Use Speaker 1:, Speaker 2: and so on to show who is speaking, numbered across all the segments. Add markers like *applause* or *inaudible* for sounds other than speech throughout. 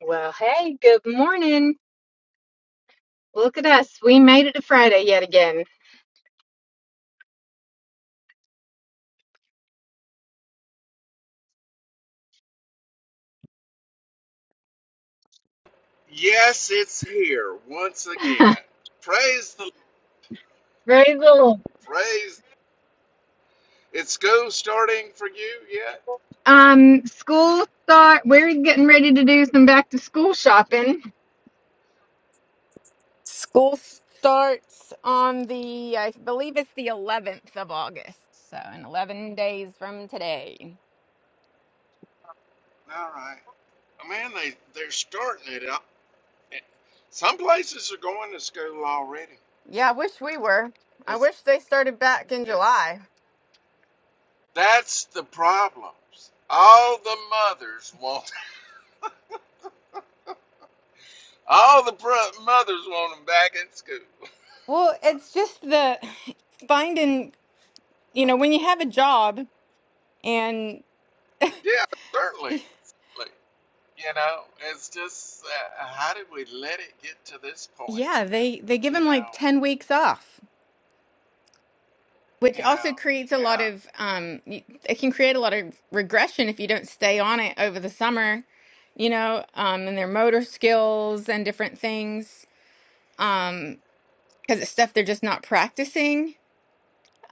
Speaker 1: Well, hey, good morning. Look at us. We made it to Friday yet again.
Speaker 2: Yes, it's here once
Speaker 1: *laughs*
Speaker 2: again. Praise the
Speaker 1: Praise the Lord.
Speaker 2: praise. It's school starting for you yet?
Speaker 1: Um, school start. We're getting ready to do some back to school shopping. School starts on the, I believe it's the 11th of August. So, in 11 days from today.
Speaker 2: All right. Oh, Man, they they're starting it up. Some places are going to school already.
Speaker 1: Yeah, I wish we were. I
Speaker 2: That's
Speaker 1: wish they started back in
Speaker 2: it,
Speaker 1: July.
Speaker 2: that's the problems. All the mothers want *laughs* all the pro- mothers want them back in school.
Speaker 1: Well, it's just the *sighs* finding, you know, when you have a job and
Speaker 2: Yeah, certainly.
Speaker 1: *laughs*
Speaker 2: Like, you know, it's just uh, how did we let it get to this point?
Speaker 1: Yeah, they they give
Speaker 2: You
Speaker 1: him like
Speaker 2: know.
Speaker 1: 10 weeks off, which
Speaker 2: You know,
Speaker 1: also creates a lot
Speaker 2: yeah,
Speaker 1: of um y- it can create a lot of regression if you don't stay on it over the summer, you know, um and their motor skills and different things um because it's stuff they're just not practicing.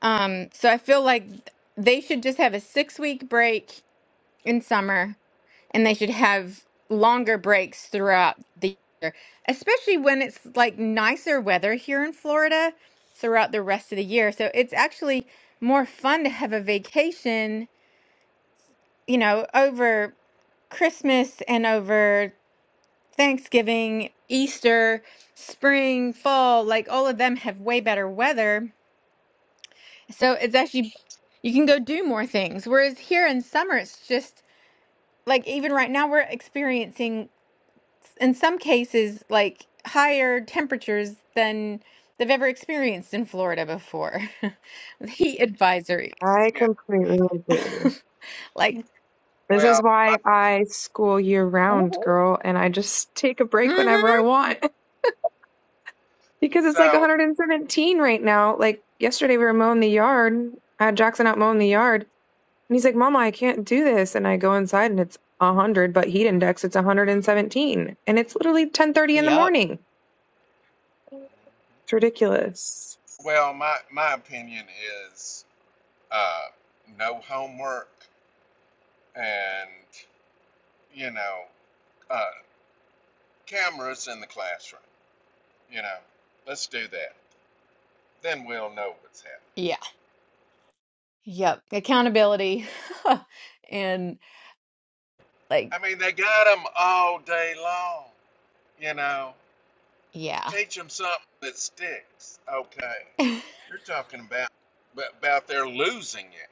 Speaker 1: Um so I feel like they should just have a 6 week break in summer and they should have longer breaks throughout the year, especially when it's like nicer weather here in Florida throughout the rest of the year. So it's actually more fun to have a vacation, you know, over Christmas and over Thanksgiving, Easter, spring, fall, like all of them have way better weather. So it's actually, you can go do more things. Whereas here in summer, it's just like even right now, we're experiencing in some cases like higher temperatures than they've ever experienced in Florida before. *laughs* The Heat advisories. *laughs*
Speaker 3: I
Speaker 2: yeah.
Speaker 3: completely agree.
Speaker 1: Like,
Speaker 3: This is
Speaker 2: Well, my-
Speaker 3: why I school year round, girl, and I just take a break
Speaker 1: mm-hmm.
Speaker 3: whenever I want *laughs* because it's like
Speaker 2: so
Speaker 3: 117 right now. Like yesterday, we were mowing the yard. I had Jackson out mowing the yard, and he's like, "Mama, I can't do this." And I go inside, and it's 100, but heat index it's 117, and it's literally 10:30 in the
Speaker 1: Yep.
Speaker 3: morning. It's ridiculous.
Speaker 2: well, my my opinion is uh, no homework and you know uh, cameras in the classroom. You know, let's do that. Then we'll know what's happening.
Speaker 1: Yeah. Yep. Accountability. *laughs* And like,
Speaker 2: I mean, they got them all day long. You know,
Speaker 1: yeah.
Speaker 2: teach them something that sticks. Okay,
Speaker 1: *laughs*
Speaker 2: you're talking about about they're losing it.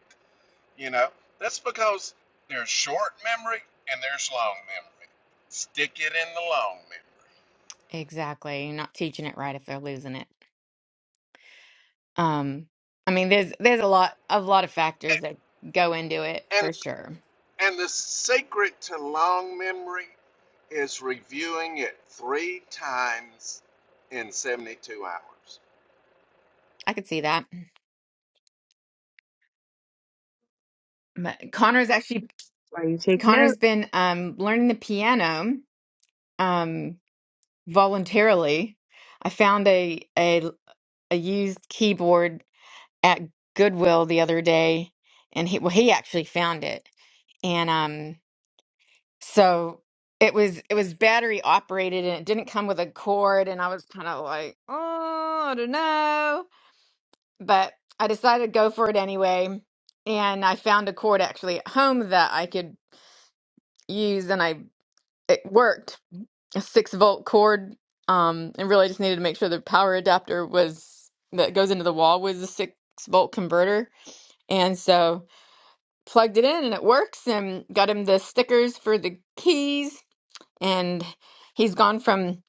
Speaker 2: You know, that's because there's short memory and there's long memory. Stick it in the long
Speaker 1: Exactly. You're not teaching it right if they're losing it. Um, I mean, there's there's a lot a lot of factors that go into it
Speaker 2: memory. And
Speaker 1: for sure.
Speaker 2: and the secret to long memory is reviewing it three times in 72 hours.
Speaker 1: I could see that. But Connor's actually
Speaker 3: That's why you take note.
Speaker 1: Connor's been um, learning the piano um, voluntarily. I found a, a a used keyboard at Goodwill the other day, and he well he actually found it, and um so it was it was battery operated and it didn't come with a cord, and I was kind of like oh I don't know, but I decided to go for it anyway, and I found a cord actually at home that I could use, and I it worked a six volt cord um and really just needed to make sure the power adapter was that goes into the wall was a six volt converter and so plugged it in and it works and got him the stickers for the keys and he's gone from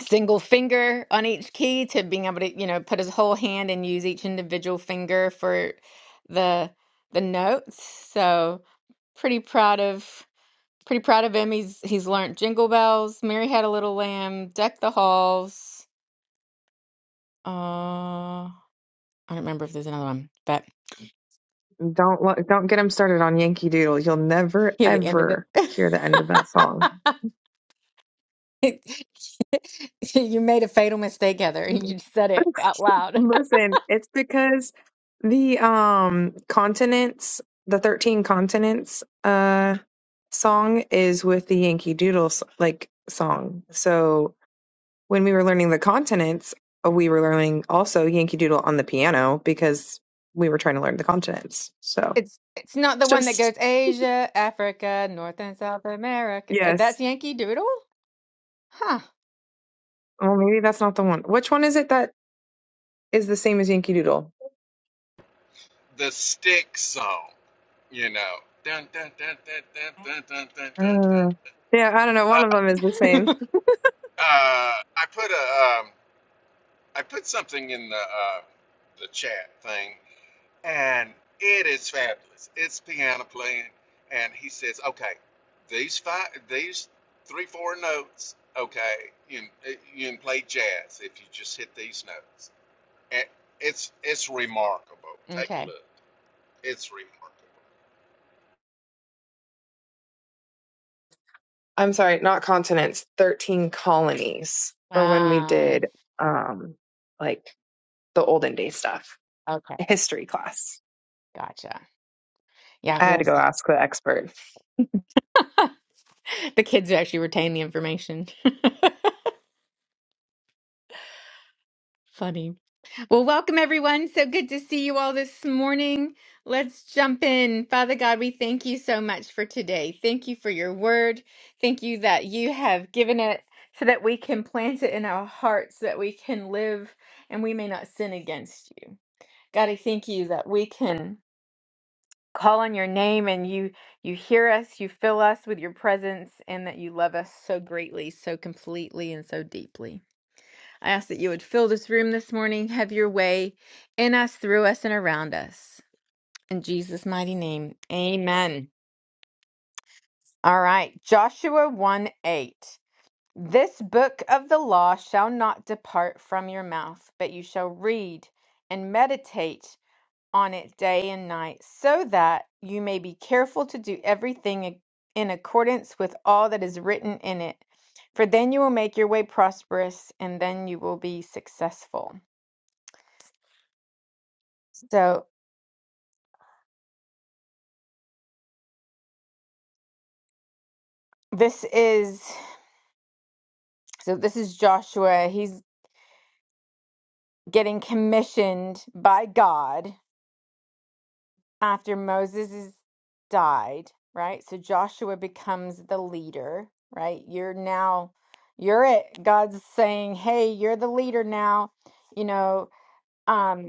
Speaker 1: single finger on each key to being able to you know put his whole hand and use each individual finger for the the notes so pretty proud of Pretty proud of him. He's he's learned Jingle Bells, Mary Had a Little Lamb, Deck the Halls. Uh, I don't remember if there's another one, but
Speaker 3: Don't lo- don't get him started on Yankee Doodle. You'll never
Speaker 1: hear the end of it.
Speaker 3: ever
Speaker 1: *laughs*
Speaker 3: hear the end of that song.
Speaker 1: You made a fatal mistake, Heather. You just said it
Speaker 3: *laughs*
Speaker 1: out loud. *laughs*
Speaker 3: Listen, it's because the um continents, the 13 continents uh song is with the Yankee Doodle s- like song. So when we were learning the continents, uh, we were learning also Yankee Doodle on the piano because we were trying to learn the continents. So
Speaker 1: It's it's not the
Speaker 3: it's
Speaker 1: one that
Speaker 3: just
Speaker 1: goes Asia, Africa, North and South America. Uh,
Speaker 3: yes.
Speaker 1: That's Yankee Doodle? Huh.
Speaker 3: Well, maybe that's not the one. Which one is it that is the same as Yankee Doodle?
Speaker 2: The stick song, you know. Dun, dun, dun, dun, dun, dun, dun, dun, dun,
Speaker 3: Uh, yeah, I don't know.
Speaker 2: Uh,
Speaker 3: One of them is the
Speaker 1: *laughs*
Speaker 3: same.
Speaker 2: uh, I put a, um, I put something in the uh, the chat thing and it is fabulous. It's piano playing, and he says, "Okay, these five, these three, four notes. Okay, you can- you can play jazz if you just hit these notes." And it's it's remarkable. Take a
Speaker 1: Okay.
Speaker 2: look. It's remarkable.
Speaker 3: I'm sorry, not continents, 13 colonies, or when we
Speaker 1: Wow.
Speaker 3: did um like the olden day stuff,
Speaker 1: Okay.
Speaker 3: history class.
Speaker 1: Gotcha. Yeah,
Speaker 3: I had to
Speaker 1: because
Speaker 3: go ask the expert. *laughs*
Speaker 1: *laughs* the kids actually retain the information. *laughs* Funny. Well, welcome everyone. So good to see you all this morning. Let's jump in. Father God, we thank you so much for today. Thank you for your word. Thank you that you have given it so that we can plant it in our hearts, that we can live and we may not sin against you. God, I thank you that we can call on your name and you you hear us, you fill us with your presence and that you love us so greatly, so completely and so deeply. I ask that you would fill this room this morning, have your way in us, through us, and around us. In Jesus' mighty name, amen. All right, Joshua 1 8. This book of the law shall not depart from your mouth, but you shall read and meditate on it day and night, so that you may be careful to do everything in accordance with all that is written in it. For then you will make your way prosperous, and then you will be successful. So This is so this is Joshua. He's getting commissioned by God after Moses is died, right? So Joshua becomes the leader, right? You're now you're it. God's saying, "Hey, you're the leader now." You know, um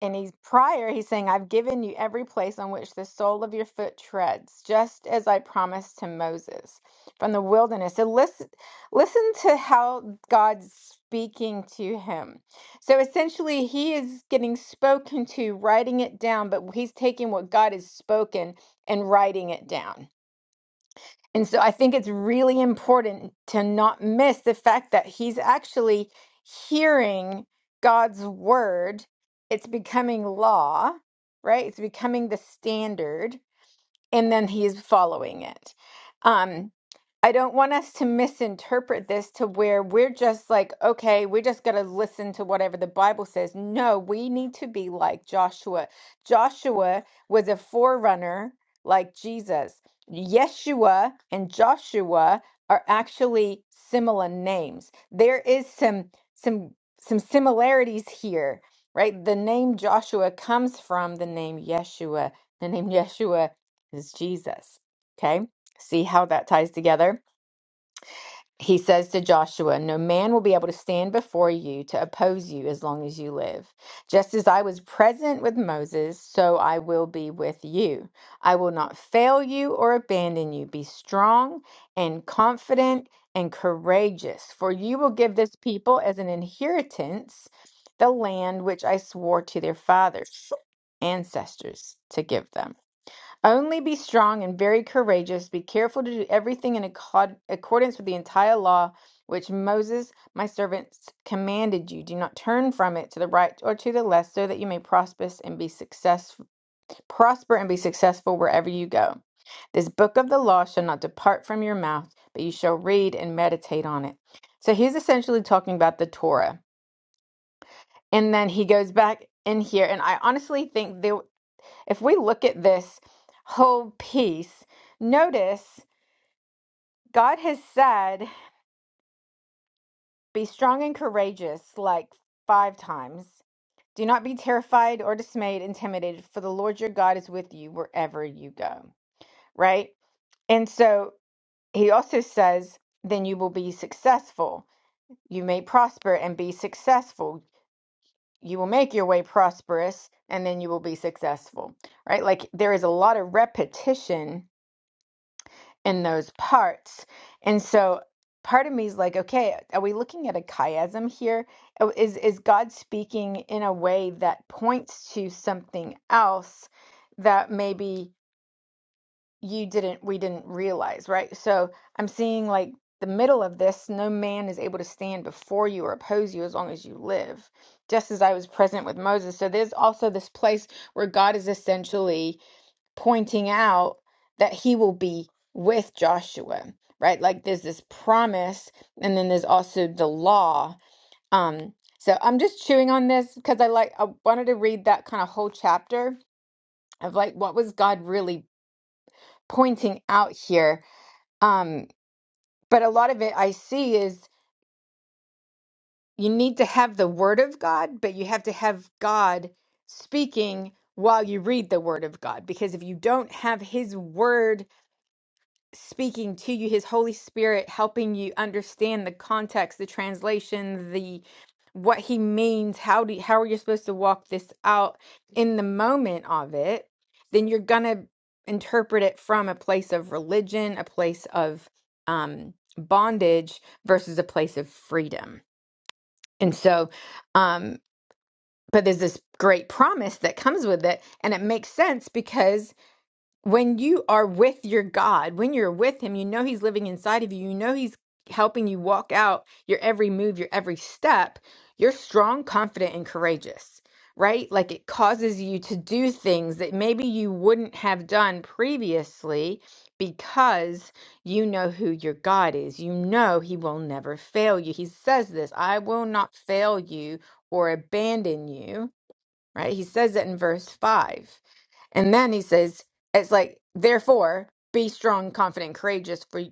Speaker 1: And he's prior, he's saying, I've given you every place on which the sole of your foot treads, just as I promised to Moses from the wilderness. So listen, listen to how God's speaking to him. So essentially, he is getting spoken to, writing it down, but he's taking what God has spoken and writing it down. And so I think it's really important to not miss the fact that he's actually hearing God's word. It's becoming law, right? It's becoming the standard and then he's following it. Um, I don't want us to misinterpret this to where we're just like, okay, we're just going to listen to whatever the Bible says. No, we need to be like Joshua. Joshua was a forerunner like Jesus. Yeshua and Joshua are actually similar names. There is some some some similarities here, right? The name Joshua comes from the name Yeshua. The name Yeshua is Jesus. Okay? See how that ties together? He says to Joshua, No man will be able to stand before you to oppose you as long as you live. Just as I was present with Moses, so I will be with you. I will not fail you or abandon you. Be strong and confident and courageous, for you will give this people as an inheritance the land which I swore to their fathers, ancestors, to give them. Only be strong and very courageous. Be careful to do everything in accord- accordance with the entire law which Moses, my servant, commanded you. Do not turn from it to the right or to the left, so that you may prosper and be successful. Prosper and be successful wherever you go. This book of the law shall not depart from your mouth, but you shall read and meditate on it. So he's essentially talking about the Torah, and then he goes back in here, and I honestly think there. If we look at this whole piece, notice God has said, Be strong and courageous, like five times. Do not be terrified or dismayed, intimidated, for the Lord your God is with you wherever you go. Right? And so he also says, then you will be successful. You may prosper and be successful. You will make your way prosperous and then you will be successful, right? Like there is a lot of repetition in those parts. And so part of me is like, okay, are we looking at a chiasm here? Oh, Is is God speaking in a way that points to something else that maybe you didn't we didn't realize, right? So I'm seeing like the middle of this, no man is able to stand before you or oppose you as long as you live, just as I was present with Moses. So there's also this place where God is essentially pointing out that he will be with Joshua, right? Like there's this promise and then there's also the law. Um so I'm just chewing on this because I like I wanted to read that kind of whole chapter of like what was God really pointing out here. Um but a lot of it I see is you need to have the word of God, but you have to have God speaking while you read the word of God because if you don't have his word speaking to you, His Holy Spirit helping you understand the context, the translation, the what He means. How do how are you supposed to walk this out in the moment of it? Then you're gonna interpret it from a place of religion, a place of um, bondage versus a place of freedom. And so, um, but there's this great promise that comes with it, and it makes sense because when you are with your God, when you're with Him, you know He's living inside of you. You know He's helping you walk out your every move, your every step. You're strong, confident, and courageous, right? Like it causes you to do things that maybe you wouldn't have done previously because you know who your God is. You know He will never fail you. He says this I will not fail you or abandon you, right? He says that in verse 5 and then he says, it's like, therefore, be strong, confident, courageous for,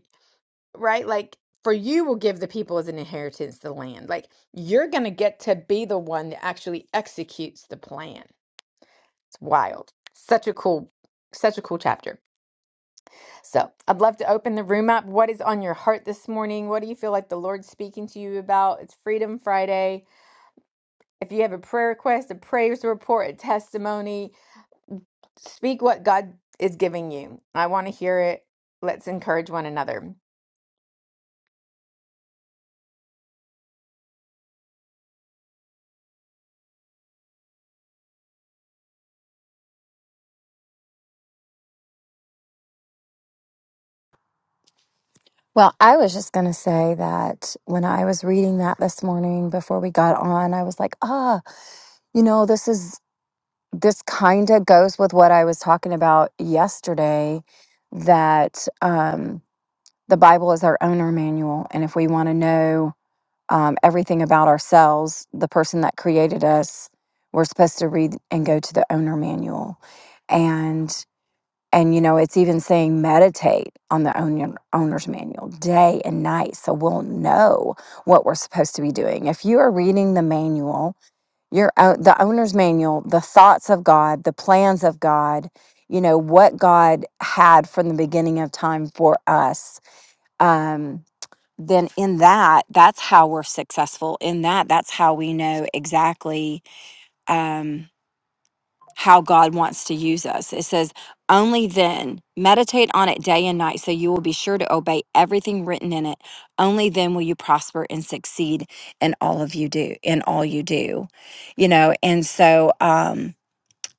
Speaker 1: right? Like, for you will give the people as an inheritance the land. Like, you're going to get to be the one that actually executes the plan. It's wild. Such a cool, such a cool chapter. So, I'd love to open the room up. What is on your heart this morning? What do you feel like the Lord's speaking to you about? It's Freedom Friday. If you have a prayer request, a praise report, a testimony, Speak what God is giving you. I want to hear it. Let's encourage one another.
Speaker 4: Well, I was just going to say that when I was reading that this morning before we got on, I was like, ah, you know, this is, this kind of goes with what I was talking about yesterday that um, the Bible is our owner manual. And if we want to know um, everything about ourselves, the person that created us, we're supposed to read and go to the owner manual. And you know, it's even saying meditate on the owner, owner's manual day and night so we'll know what we're supposed to be doing. If you are reading the manual, your own, the owner's manual, the thoughts of God, the plans of God, you know, what God had from the beginning of time for us, um, then in that, that's how we're successful. In that, that's how we know exactly. Um, how God wants to use us. It says, only then meditate on it day and night so you will be sure to obey everything written in it. Only then will you prosper and succeed in all of you do, in all you do. You know, and so um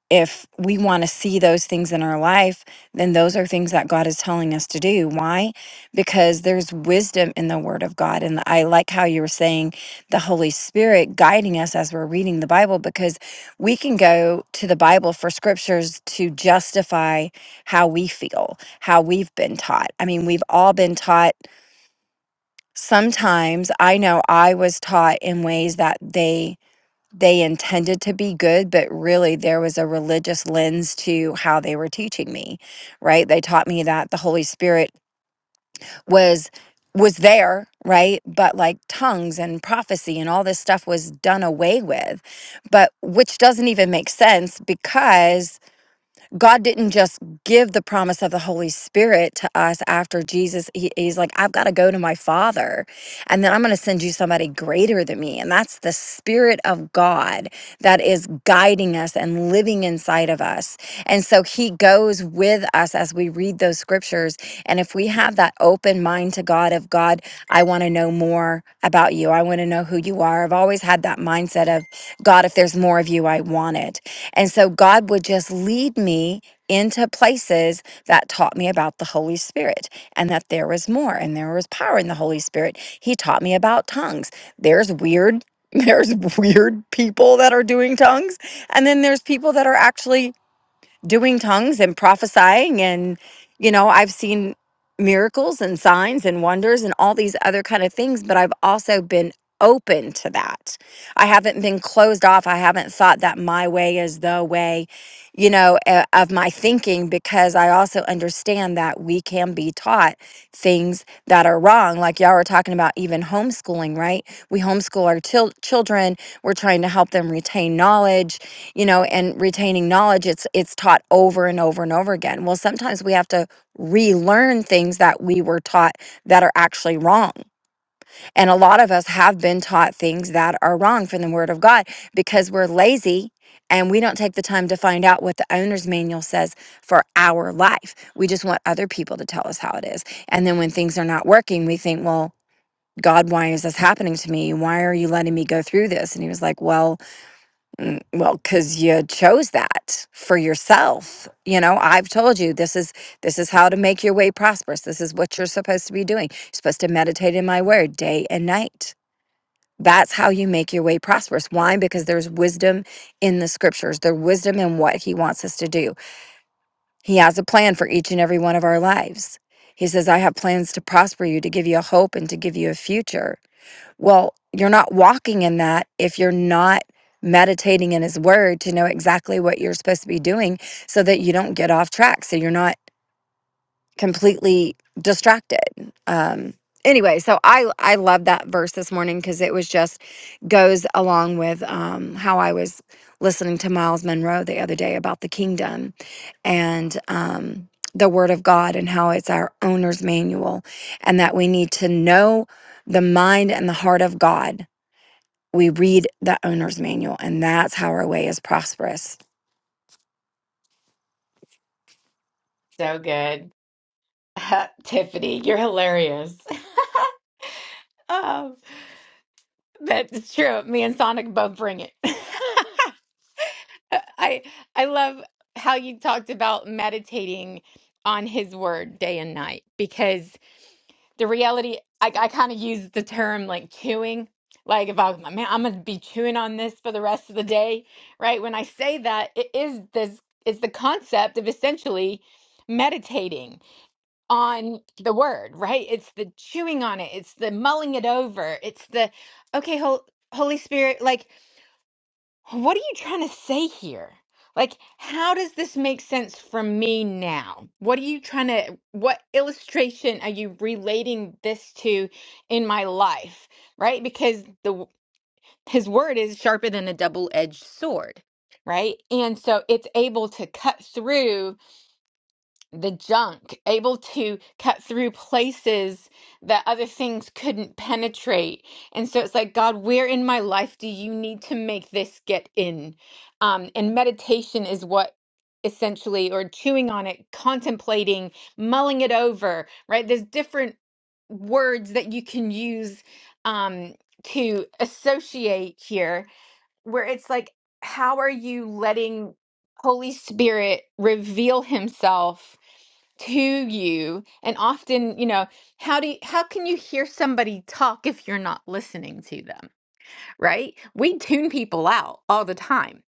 Speaker 4: if we want to see those things in our life, then those are things that God is telling us to do. Why? Because there's wisdom in the Word of God. And I like how you were saying the Holy Spirit guiding us as we're reading the Bible, because we can go to the Bible for scriptures to justify how we feel, how we've been taught. I mean, we've all been taught. Sometimes I know I was taught in ways that they they intended to be good, but really there was a religious lens to how they were teaching me, right? They taught me that the Holy Spirit was was there, right? But like tongues and prophecy and all this stuff was done away with. But which doesn't even make sense because God didn't just give the promise of the Holy Spirit to us after Jesus. He, he's like, I've got to go to my Father, and then I'm going to send you somebody greater than me. And that's the Spirit of God that is guiding us and living inside of us. And so He goes with us as we read those scriptures. And if we have that open mind to God, of God, I want to know more about you, I want to know who you are. I've always had that mindset of, God, if there's more of you, I want it. And so God would just lead me into places that taught me about the Holy Spirit and that there was more and there was power in the Holy Spirit. He taught me about tongues. There's weird. *laughs* There's weird people that are doing tongues, and then there's people that are actually doing tongues and prophesying and you know i've seen miracles and signs and wonders and all these other kind of things but i've also been open to that i haven't been closed off i haven't thought that my way is the way you know uh, of my thinking because i also understand that we can be taught things that are wrong like y'all were talking about even homeschooling right we homeschool our chil- children we're trying to help them retain knowledge you know and retaining knowledge it's it's taught over and over and over again well sometimes we have to relearn things that we were taught that are actually wrong and a lot of us have been taught things that are wrong from the word of god because we're lazy and we don't take the time to find out what the owner's manual says for our life we just want other people to tell us how it is and then when things are not working we think well God, why is this happening to me? Why are you letting me go through this? And he was like, Well, Mm, Well, because you chose that for yourself. You know, I've told you this is this is how to make your way prosperous. This is what you're supposed to be doing. You're supposed to meditate in my word day and night. That's how you make your way prosperous. Why? Because there's wisdom in the scriptures. There's wisdom in what he wants us to do. He has a plan for each and every one of our lives. He says, I have plans to prosper you, to give you a hope and to give you a future. Well, you're not walking in that if you're not meditating in His Word to know exactly what you're supposed to be doing so that you don't get off track. So you're not completely distracted. Um, anyway, so I, I love that verse this morning because it was just goes along with um, how I was listening to Miles Monroe the other day about the kingdom and um, the Word of God and how it's our owner's manual and that we need to know the mind and the heart of God we read the owner's manual and that's how our way is prosperous
Speaker 1: So good. *laughs* Tiffany, you're hilarious. *laughs* Oh, that's true. Me and Sonic both bring it. *laughs* I I love how you talked about meditating on his word day and night because. the reality i, I kind of use the term like chewing like if i was like man i'm gonna be chewing on this for the rest of the day right when i say that it is this it's the concept of essentially meditating on the word right it's the chewing on it it's the mulling it over it's the okay Hol- holy spirit like what are you trying to say here? Like, how does this make sense for me now? What are you trying to, what illustration are you relating this to in my life? Right? Because the his word is sharper than a double-edged sword, right? And so it's able to cut through the junk, able to cut through places that other things couldn't penetrate. And so it's like, God, where in my life do you need to make this get in? Um, and meditation is what essentially, or chewing on it, contemplating, mulling it over, right? There's different words that you can use um, to associate here, where it's like, how are you letting Holy Spirit reveal Himself? to you and often you know how do you, how can you hear somebody talk if you're not listening to them right we tune people out all the time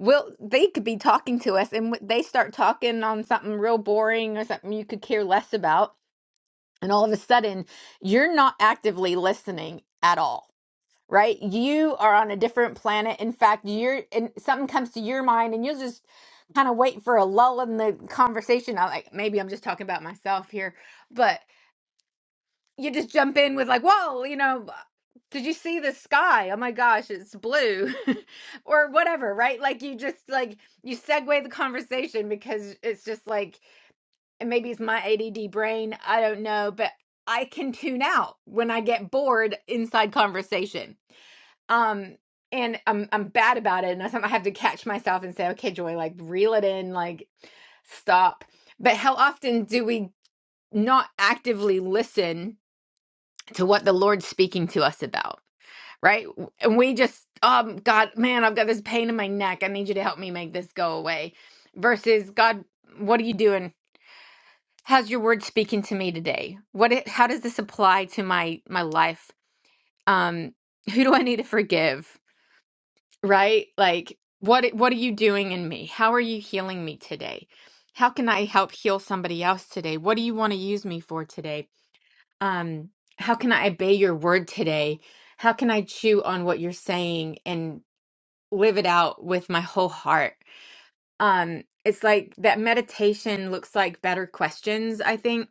Speaker 1: well they could be talking to us and w- they start talking on something real boring or something you could care less about and all of a sudden you're not actively listening at all right? You are on a different planet. In fact, you're and something comes to your mind and you'll just kind of wait for a lull in the conversation. I like maybe I'm just talking about myself here, but you just jump in with like, "Whoa, you know, did you see the sky? Oh my gosh, it's blue." *laughs* or whatever, right? Like you just like you segue the conversation because it's just like and maybe it's my ADD brain, I don't know, but I can tune out when I get bored inside conversation um and i'm i'm bad about it and sometimes i have to catch myself and say okay joy like reel it in like stop but how often do we not actively listen to what the lord's speaking to us about right and we just um god man i've got this pain in my neck i need you to help me make this go away versus god what are you doing how's your word speaking to me today what it, how does this apply to my my life um who do i need to forgive right? Like what what are you doing in me? How are you healing me today? How can I help heal somebody else today? What do you want to use me for today? Um how can I obey your word today? How can I chew on what you're saying and live it out with my whole heart? Um it's like that meditation looks like better questions, I think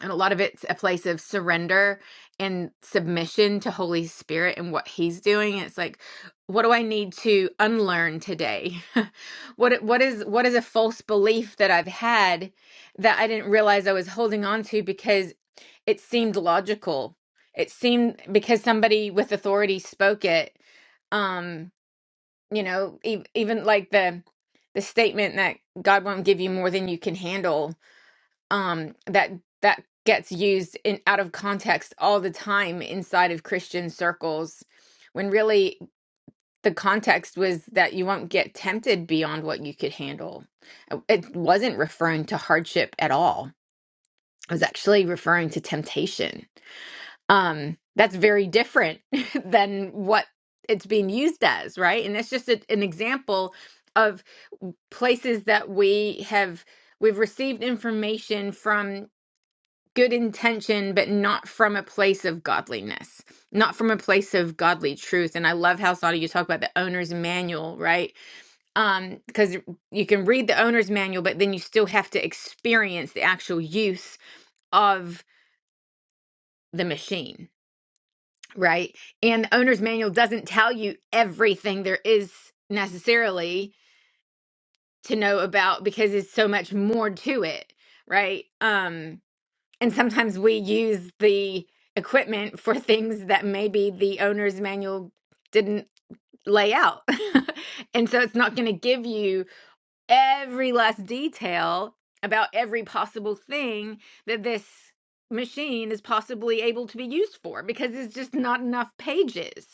Speaker 1: and a lot of it's a place of surrender and submission to holy spirit and what he's doing it's like what do i need to unlearn today *laughs* what what is what is a false belief that i've had that i didn't realize i was holding on to because it seemed logical it seemed because somebody with authority spoke it um you know e- even like the the statement that god won't give you more than you can handle um that that gets used in out of context all the time inside of Christian circles when really the context was that you won't get tempted beyond what you could handle. It wasn't referring to hardship at all. It was actually referring to temptation. Um that's very different *laughs* than what it's being used as, right? And that's just a, an example of places that we have we've received information from good intention, but not from a place of godliness, not from a place of godly truth. And I love how Sada you talk about the owner's manual, right? Um, because you can read the owner's manual, but then you still have to experience the actual use of the machine, right? And the owner's manual doesn't tell you everything there is necessarily to know about because it's so much more to it, right? Um, And sometimes we use the equipment for things that maybe the owner's manual didn't lay out. *laughs* and so it's not going to give you every last detail about every possible thing that this machine is possibly able to be used for because it's just not enough pages.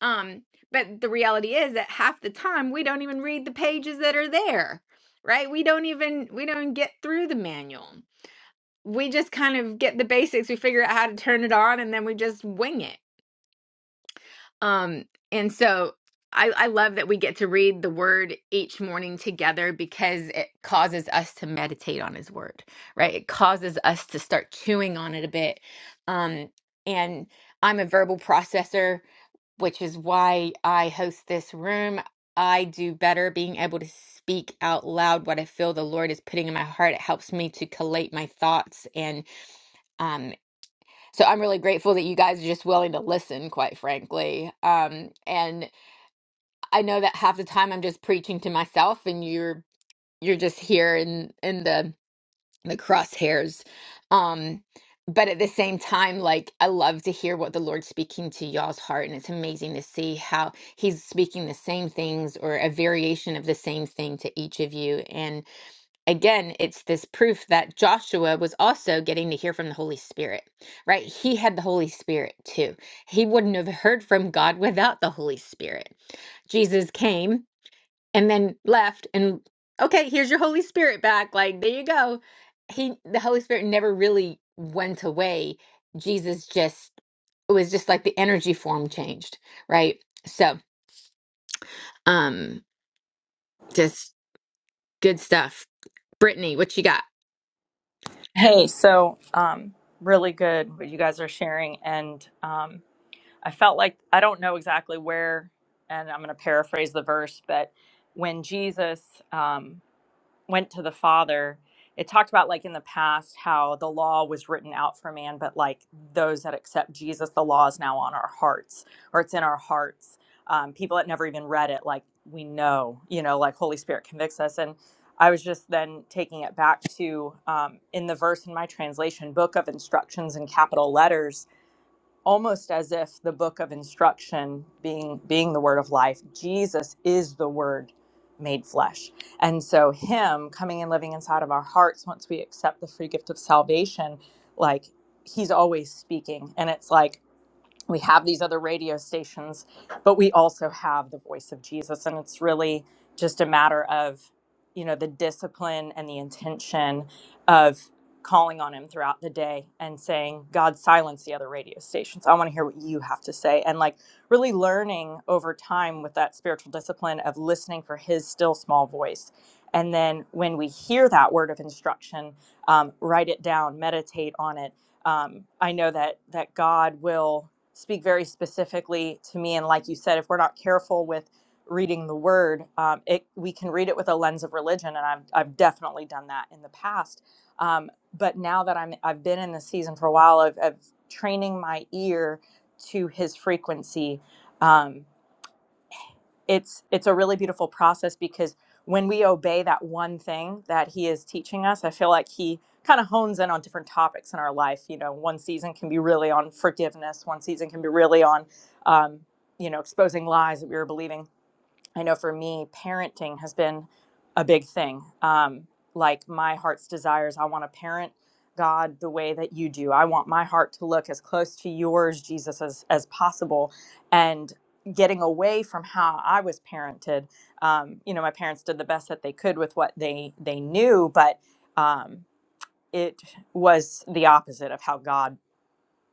Speaker 1: Um but the reality is that half the time we don't even read the pages that are there. Right? We don't even we don't get through the manual we just kind of get the basics we figure out how to turn it on and then we just wing it um and so i i love that we get to read the word each morning together because it causes us to meditate on his word right it causes us to start chewing on it a bit um and i'm a verbal processor which is why i host this room i do better being able to speak out loud what i feel the lord is putting in my heart it helps me to collate my thoughts and um, so I'm really grateful that you guys are just willing to listen, quite frankly. Um, and I know that half the time I'm just preaching to myself, and you're you're just here in in the the crosshairs. Um, but at the same time, like I love to hear what the Lord's speaking to y'all's heart, and it's amazing to see how He's speaking the same things or a variation of the same thing to each of you. And again, it's this proof that Joshua was also getting to hear from the Holy Spirit, right? He had the Holy Spirit too. He wouldn't have heard from God without the Holy Spirit. Jesus came and then left and okay, here's your Holy Spirit back. Like, there you go. He the Holy Spirit never really went away. Jesus just it was just like the energy form changed, right? So, um just good stuff. Brittany, what you got?
Speaker 5: Hey, so um, really good what you guys are sharing. And um, I felt like I don't know exactly where, and I'm going to paraphrase the verse, but when Jesus um, went to the father it talked about like in the past how the law was written out for man but like those that accept jesus the law is now on our hearts or it's in our hearts um, people that never even read it like we know you know like holy spirit convicts us and i was just then taking it back to um, in the verse in my translation book of instructions in capital letters almost as if the book of instruction being being the word of life jesus is the word made flesh and so him coming and living inside of our hearts once we accept the free gift of salvation like he's always speaking and it's like we have these other radio stations, but we also have the voice of Jesus. And it's really just a matter of, you know, the discipline and the intention of calling on him throughout the day and saying, God, silence the other radio stations. I want to hear what you have to say. And like really learning over time with that spiritual discipline of listening for his still small voice. And then when we hear that word of instruction, um, write it down, meditate on it. Um, I know that that God will speak very specifically to me. And like you said, if we're not careful with reading the word, um, it, we can read it with a lens of religion. And I've, I've definitely done that in the past. Um, but now that I'm, I've been in this season for a while of, of training my ear to his frequency, um, it's it's a really beautiful process because when we obey that one thing that he is teaching us i feel like he kind of hones in on different topics in our life you know one season can be really on forgiveness one season can be really on um, you know exposing lies that we were believing I know for me, parenting has been a big thing. Um, like my heart's desires, I want to parent God the way that you do. I want my heart to look as close to yours, Jesus, as as possible, and getting away from how I was parented. Um, you know, my parents did the best that they could with what they they knew, but um, it was the opposite of how God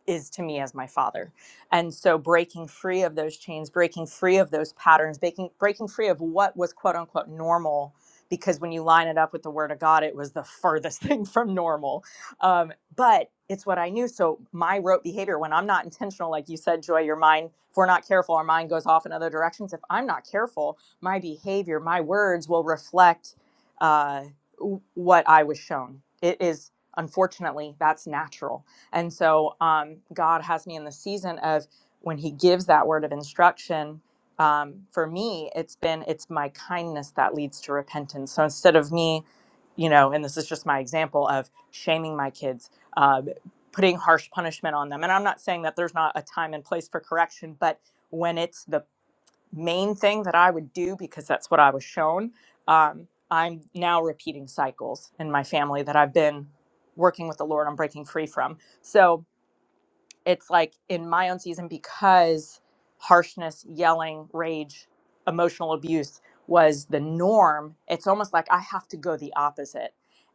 Speaker 5: is to me as my father. And so breaking free of those chains, breaking free of those patterns, breaking breaking free of what was quote unquote normal because when you line it up with the word of God, it was the *laughs* furthest thing from normal. Um, but it's what I knew. So my rote behavior, when I'm not intentional, like you said, Joy, your mind, if we're not careful, our mind goes off in other directions. If I'm not careful, my behavior, my words will reflect uh, w- what I was shown. It is, unfortunately, that's natural and so um, God has me in the season of when He gives that word of instruction. Um, for me, it's been it's my kindness that leads to repentance. So instead of me, you know, and this is just my example of shaming my kids, um, putting harsh punishment on them. And I'm not saying that there's not a time and place for correction, but when it's the main thing that I would do because that's what I was shown. Um, I'm now repeating cycles in my family that I've been working with the Lord on breaking free from. So it's like in my own season because harshness yelling rage emotional abuse was the norm it's almost like i have to go the opposite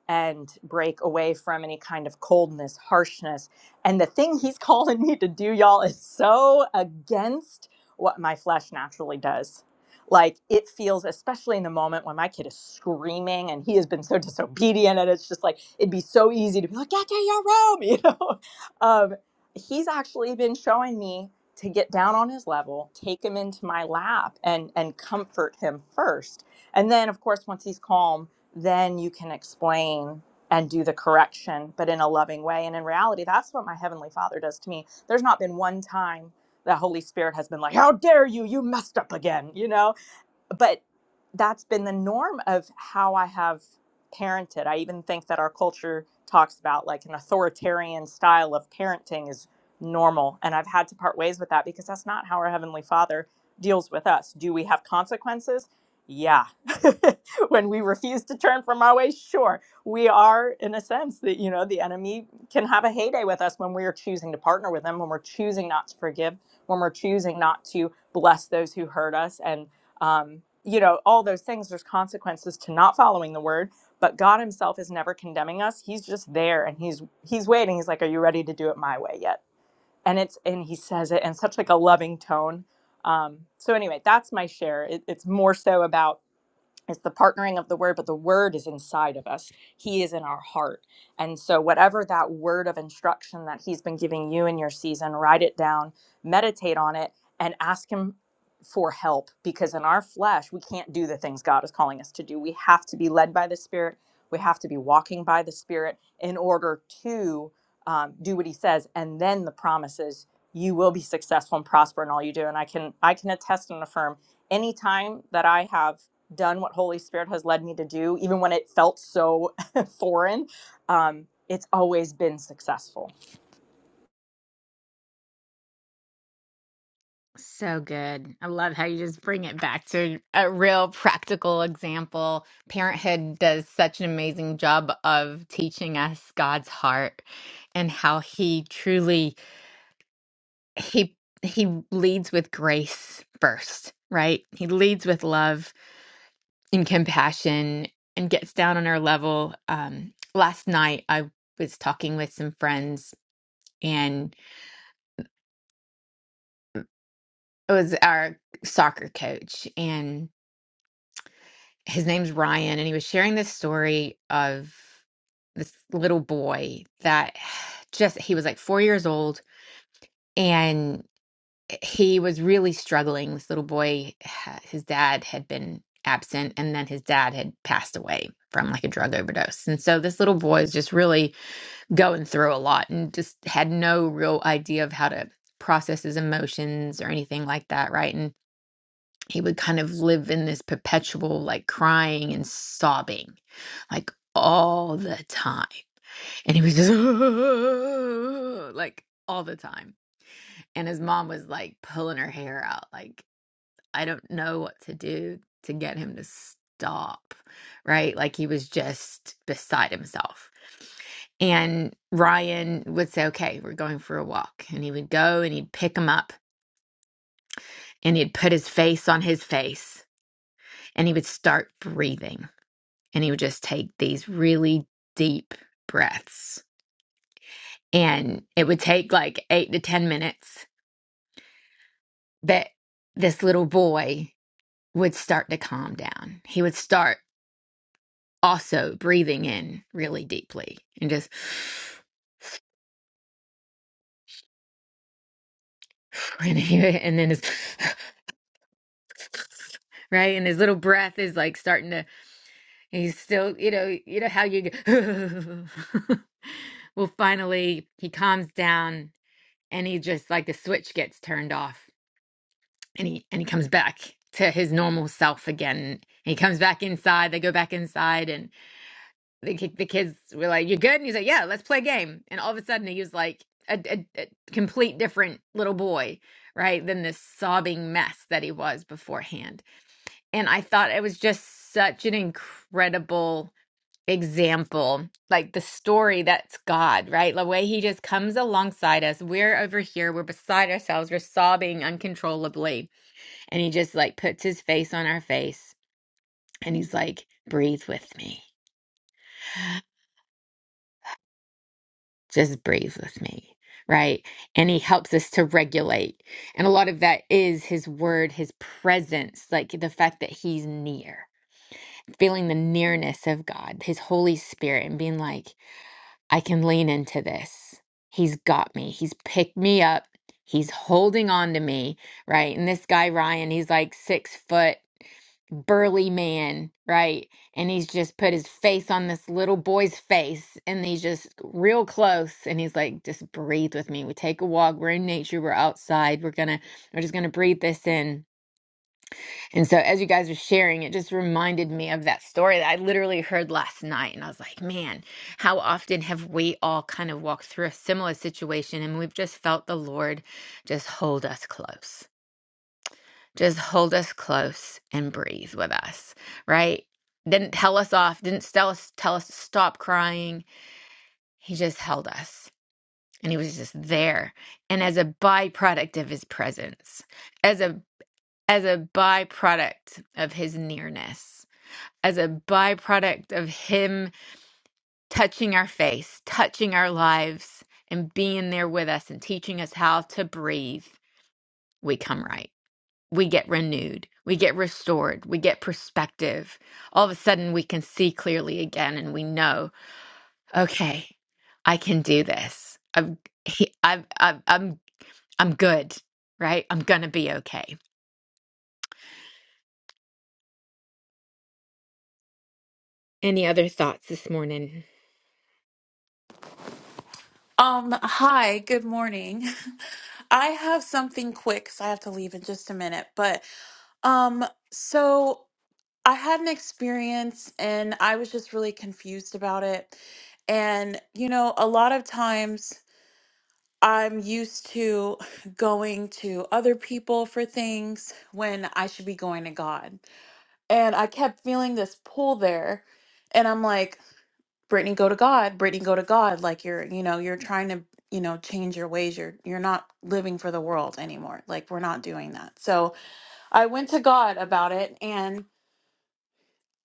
Speaker 5: and break away from any kind of coldness harshness and the thing he's *laughs* calling me to do y'all is so against what my flesh naturally does like it feels especially in the moment when my kid is screaming and he has been so disobedient and it's just like it'd be so easy to be like get to your room you know *laughs* Um, he's actually been showing me to get down on his level, take him into my lap and and comfort him first. And then of course once he's calm, then you can explain and do the correction, but in a loving way. And in reality, that's what my heavenly Father does to me. There's not been one time the Holy Spirit has been like, "How dare you? You messed up again." You know? but that's been the norm of how I have parented. I even think that our culture talks about like an authoritarian style of parenting is normal. And I've had to part ways with that because that's not how our Heavenly Father deals with us. Do we have consequences? Yeah. *laughs* when we refuse to turn from our ways, sure. We are, in a sense, that, you know, the enemy can have a heyday with us when we are choosing to partner with them, when we're choosing not to forgive, when we're choosing not to bless those who hurt us. And um, you know, all those things. There's consequences to not following the word, but God Himself is never condemning us. He's just there, and He's He's waiting. He's like, "Are you ready to do it my way yet?" And it's and He says it in such like a loving tone. Um, so anyway, that's my share. It, it's more so about it's the partnering of the word but the word is inside of us he is in our heart and so whatever that word of instruction that he's been giving you in your season write it down meditate on it and ask him for help because in our flesh we can't do the things god is calling us to do we have to be led by the spirit we have to be walking by the spirit in order to um, do what he says and then the promises you will be successful and prosper in all you do and i can i can attest and affirm any time that i have done what Holy Spirit has led me to do, even when it felt so *laughs* foreign, um, it's always been successful.
Speaker 1: So good. I love how you just bring it back to a real practical example. Parenthood does such an amazing job of teaching us God's heart and how he truly he he leads with grace first, right? He leads with love and compassion and gets down on our level. Um last night I was talking with some friends and it was our soccer coach his name's Ryan, and he was sharing this story of this little boy that *sighs* just he was like four years old and he was really struggling. This little boy, *sighs* his dad had been absent, and then his dad had passed away from like a drug overdose. And so this little boy is just really going through a lot and just had no real idea of how to process his emotions or anything like that, right? And he would kind of live in this perpetual like crying and sobbing like all the time and he was just *laughs* like all the time and his mom was like pulling her hair out like i don't know what to do to get him to stop right like he was just beside himself and Ryan would say, Okay, we're going for a walk. And he would go and he'd pick him up and he'd put his face on his face and he would start breathing and he would just take these really deep breaths and it would take like 8 to 10 minutes but this little boy would start to calm down he would start also breathing in really deeply and just *sighs* and, he, and then his *sighs* right and his little breath is like starting to he's still you know you know how you go *laughs* well finally he calms down and he just like the switch gets turned off and he and he comes back to his normal self again and he comes back inside they go back inside and the, ki- the kids were like you good and he's like yeah let's play a game and all of a sudden he was like a, a, a complete different little boy right than this sobbing mess that he was beforehand and i thought it was just such an incredible example, like the story that's God, right? The way he just comes alongside us. We're over here, we're beside ourselves, we're sobbing uncontrollably. And he just like puts his face on our face and he's like, breathe with me, just breathe with me. Right. And he helps us to regulate. And a lot of that is his word, his presence, like the fact that he's near, feeling the nearness of God, his Holy Spirit, and being like, I can lean into this. He's got me. He's picked me up. He's holding on to me, right? And this guy, Ryan, he's like six foot burly man, right? And he's just put his face on this little boy's face and he's just real close. And he's like, just breathe with me. We take a walk. We're in nature. We're outside. We're going to, we're just going to breathe this in and so as you guys were sharing, it just reminded me of that story that I literally heard last night. And I was like, man, how often have we all kind of walked through a similar situation and we've just felt the Lord just hold us close, just hold us close and breathe with us, right? Didn't tell us off, didn't tell us, tell us to stop crying. He just held us and he was just there. And as a byproduct of his presence, as a as a byproduct of his nearness, as a byproduct of Him touching our face, touching our lives, and being there with us and teaching us how to breathe, we come right. We get renewed. We get restored. We get perspective. All of a sudden, we can see clearly again and we know, okay, I can do this. I've, he, I've, I've, I'm, I'm good, right? I'm going to be okay. Any other thoughts this morning?
Speaker 6: Um, hi, good morning. *laughs* I have something quick because I have to leave in just a minute. But um, so I had an experience and I was just really confused about it. And, you know, a lot of times I'm used to going to other people for things when I should be going to God. And I kept feeling this pull there. And I'm like, Brittany, go to God. Brittany, go to God. Like you're, you know, you're trying to, you know, change your ways. You're you're not living for the world anymore. Like we're not doing that. So I went to God about it, and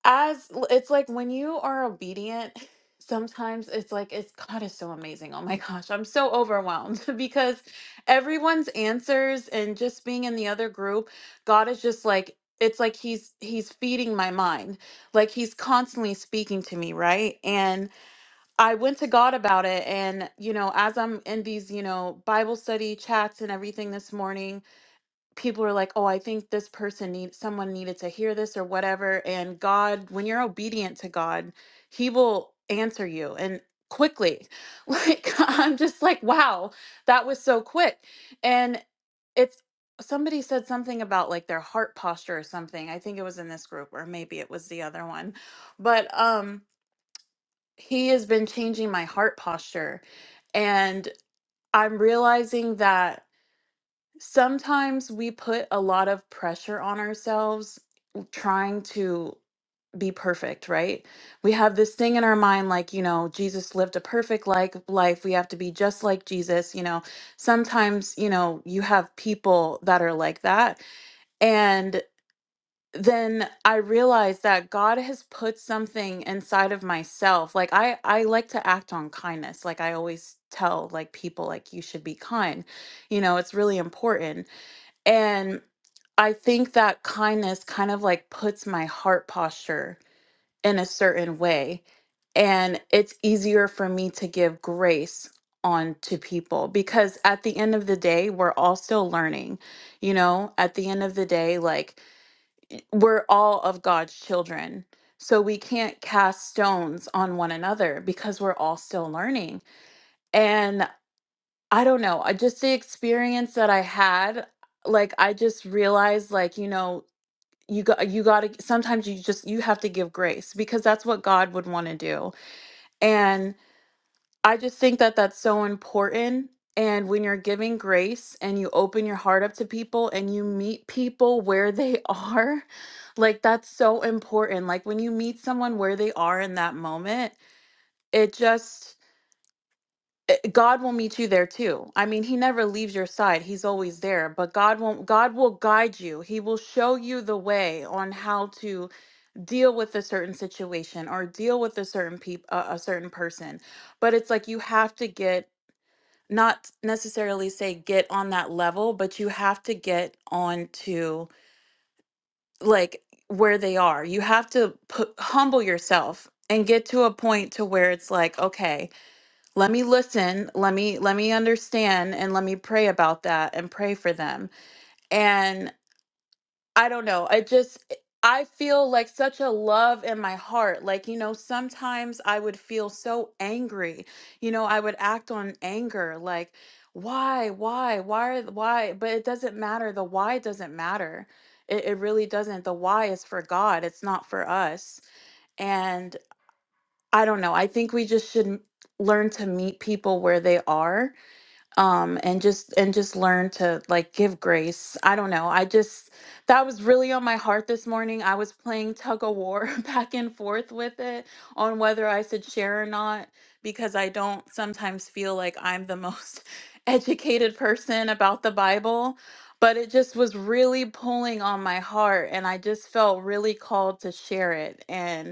Speaker 6: as it's like when you are obedient, *laughs* sometimes it's like it's God is so amazing. Oh my gosh, I'm so overwhelmed *laughs* because everyone's answers and just being in the other group, God is just like it's like he's he's feeding my mind like he's constantly speaking to me right and I went to God about it. And, you know, as I'm in these, you know, Bible study chats and everything this morning, people are like, oh, I think this person needs someone needed to hear this or whatever. And God, when you're obedient to God, He will answer you and quickly. *laughs* Like, I'm just like, wow, that was so quick. And it's, Somebody said something about like their heart posture or something. I think it was in this group or maybe it was the other one. But um he has been changing my heart posture. And I'm realizing that sometimes we put a lot of pressure on ourselves trying to be perfect, right? We have this thing in our mind like, you know, Jesus lived a perfect like life. We have to be just like Jesus, you know. Sometimes, you know, you have people that are like that. and then I realized that God has put something inside of myself. Like I I like to act on kindness. Like I always tell like people like you should be kind. You know, it's really important. And I think that kindness kind of like puts my heart posture in a certain way and it's easier for me to give grace on to people because at the end of the day we're all still learning. You know, at the end of the day like we're all of God's children. So we can't cast stones on one another because we're all still learning. And I don't know, I just the experience that I had, like I just realized like, you know, you got you got to sometimes you just you have to give grace because that's what God would want to do. and. I just think that that's so important. And when you're giving grace and you open your heart up to people and you meet people where they are, *laughs* like that's so important. Like when you meet someone where they are in that moment, it just, it- God will meet you there too. I mean, He never leaves your side, He's always there, but God won't, God will guide you. He will show you the way on how to deal with a certain situation or deal with a certain peop a, a certain person. But it's like you have to get not necessarily say get on that level, but you have to get on to like where they are. You have to put, humble yourself and get to a point to where it's like, okay, let me listen, let me let me understand and let me pray about that and pray for them. and. I don't know. I just eh, I feel like such a love in my heart. Like, you know, sometimes I would feel so angry. You know, I would act on anger like why, why, why, why? But it doesn't matter. The why doesn't matter. It, it really doesn't. The why is for God, it's not for us. And I don't know. I think we just should m- learn to meet people where they are um and just and just learn to like give grace i don't know i just that was really on my heart this morning i was playing tug of war *laughs* back and forth with it on whether i should share or not because i don't sometimes feel like i'm the most *laughs* educated person about the bible but it just was really pulling on my heart and i just felt really called to share it and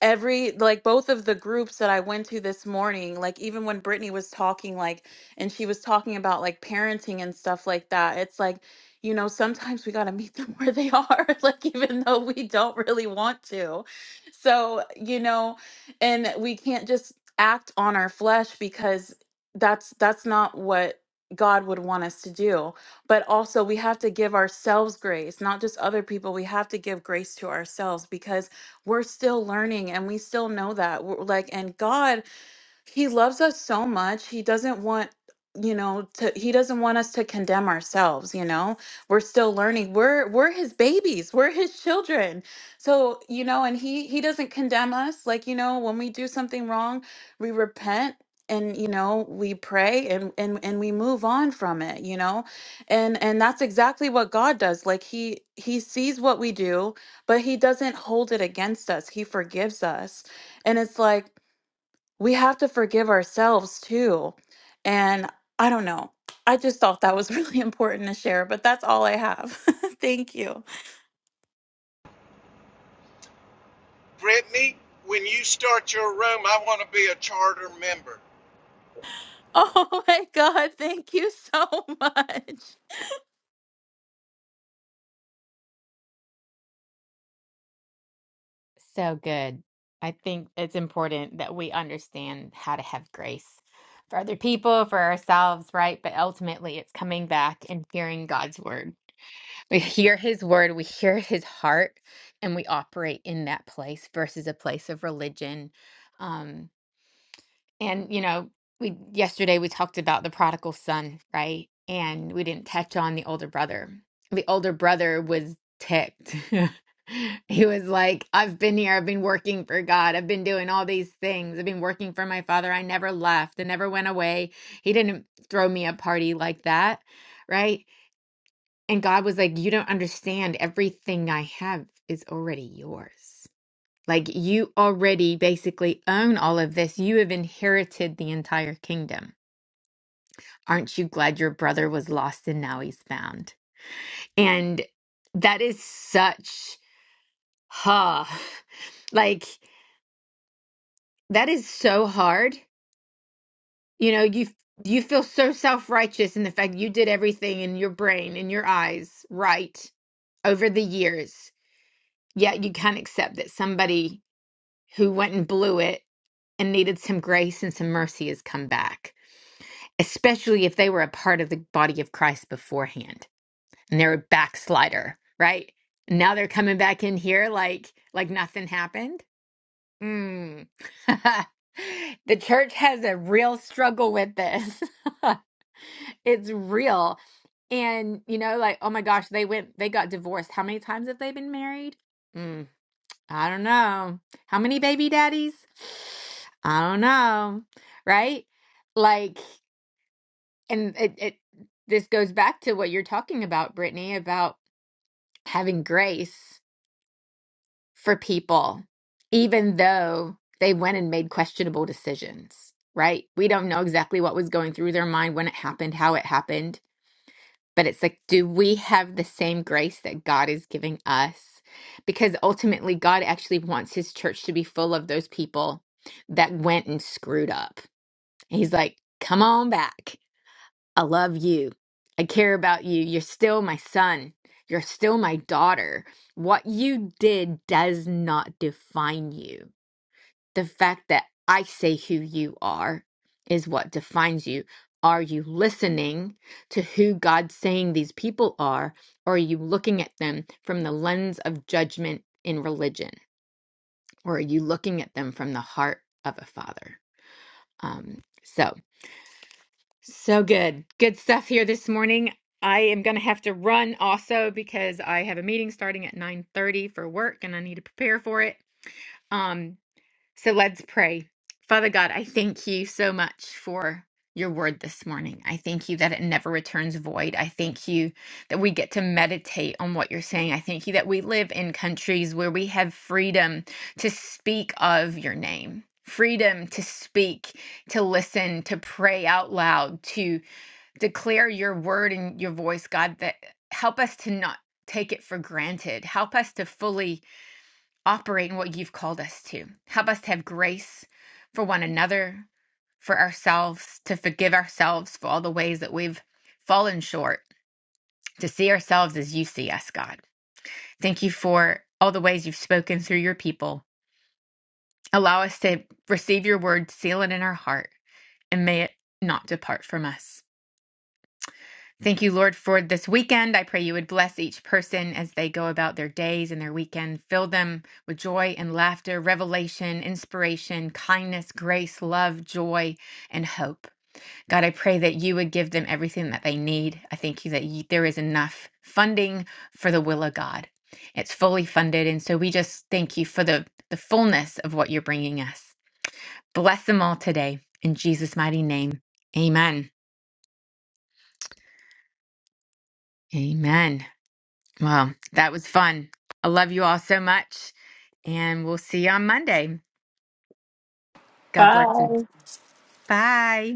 Speaker 6: every like both of the groups that I went to this morning, like even when Brittany was talking, like, and she was talking about like parenting and stuff like that, it's like, you know, sometimes we got to meet them *laughs* where they are, like, even though we don't really want to. So, you know, and we can't just act on our flesh because that's that's not what God would want us to do. But also we have to give ourselves grace, not just other people. We have to give grace to ourselves because we're still learning and we still know that we're like and god he loves us so much he doesn't want you know to he doesn't want us to condemn ourselves you know we're still learning we're we're his babies we're his children so you know and he he doesn't condemn us like you know when we do something wrong we repent and you know we pray and and and we move on from it you know and and that's exactly what god does like he he sees what we do but he doesn't hold it against us he forgives us and it's like we have to forgive ourselves too. And I don't know. I just thought that was really *laughs* important to share, but that's all I have. *laughs* thank you.
Speaker 2: Brittany, when you start your room, I want to be a charter member.
Speaker 6: Oh my God. Thank you so *laughs* much.
Speaker 1: So good. I think it's important that we understand how to have grace for other people, for ourselves, right? But ultimately, it's coming back and hearing God's word. We hear his word, we hear his heart, and we operate in that place versus a place of religion. Um, and, you know, we yesterday we talked about the prodigal son, right? And we didn't touch on the older brother. The older brother was ticked. *laughs* He was like, I've been here, I've been working for God, I've been doing all these things, I've been working for my father. I never left, I never went away. He didn't throw me a party like that, right? And God was like, You don't understand, everything I have is already yours. Like you already basically own all of this. You have inherited the entire kingdom. Aren't you glad your brother was lost and now he's found? And that is such huh. *laughs* Like that is so hard. You know, you you feel so self-righteous in the fact you did everything in your brain, in your eyes, right over the years. Yet you can't accept that somebody who went and blew it and needed some grace and some mercy has come back especially if they were a part of the body of Christ beforehand and they're a backslider, right? Now they're coming back in here like like nothing happened. Mm. *laughs* the church has a real struggle with this. *laughs* it's real. And you know, like, oh my gosh, they went they got divorced. How many times have they been married? Mm, I don't know. How many baby daddies? *sighs* I don't know. Right? Like and it, it this goes back to what you're talking about, Brittany, about having grace for people, even though they went and made questionable decisions, right? We don't know exactly what was going through their mind when it happened, how it happened, but it's like, do we have the same grace that God is giving us? Because ultimately, God actually wants his church to be full of those people that went and screwed up. He's like, come on back. I love you. I care about you. You're still my son. You're still my daughter. What you did does not define you. The fact that I say who you are is what defines you. Are you listening to who God's saying these people are, or are you looking at them from the lens of judgment in religion, or are you looking at them from the heart of a father? Um, so So good. Good stuff here this morning. I am going to have to run also because I have a meeting starting at 9:30 for work and I need to prepare for it. Um so let's pray. Father God, I thank you so much for your word this morning. I thank you that it never returns void. I thank you that we get to meditate on what you're saying. I thank you that we live in countries where we have freedom to speak of your name. Freedom to speak, to listen, to pray out loud, to declare your word and your voice, God, that help us to not take it for granted. Help us to fully operate in what you've called us to. Help us to have grace for one another, for ourselves, to forgive ourselves for all the ways that we've fallen short, to see ourselves as you see us, God. Thank you for all the ways you've spoken through your people. Allow us to receive your word, seal it in our heart, and may it not depart from us. Thank you, Lord, for this weekend. I pray you would bless each person as they go about their days and their weekend. Fill them with joy and laughter, revelation, inspiration, kindness, grace, love, joy, and hope. God, I pray that you would give them everything that they need. I thank you that you, there is enough funding for the will of God. It's fully funded. And so we just thank you for the, the fullness of what you're bringing us. Bless them all today. In Jesus' mighty name, amen. Amen. Well, that was fun. I love you all so much, and we'll see you on Monday. God bless
Speaker 4: Bye.
Speaker 1: you. Bye.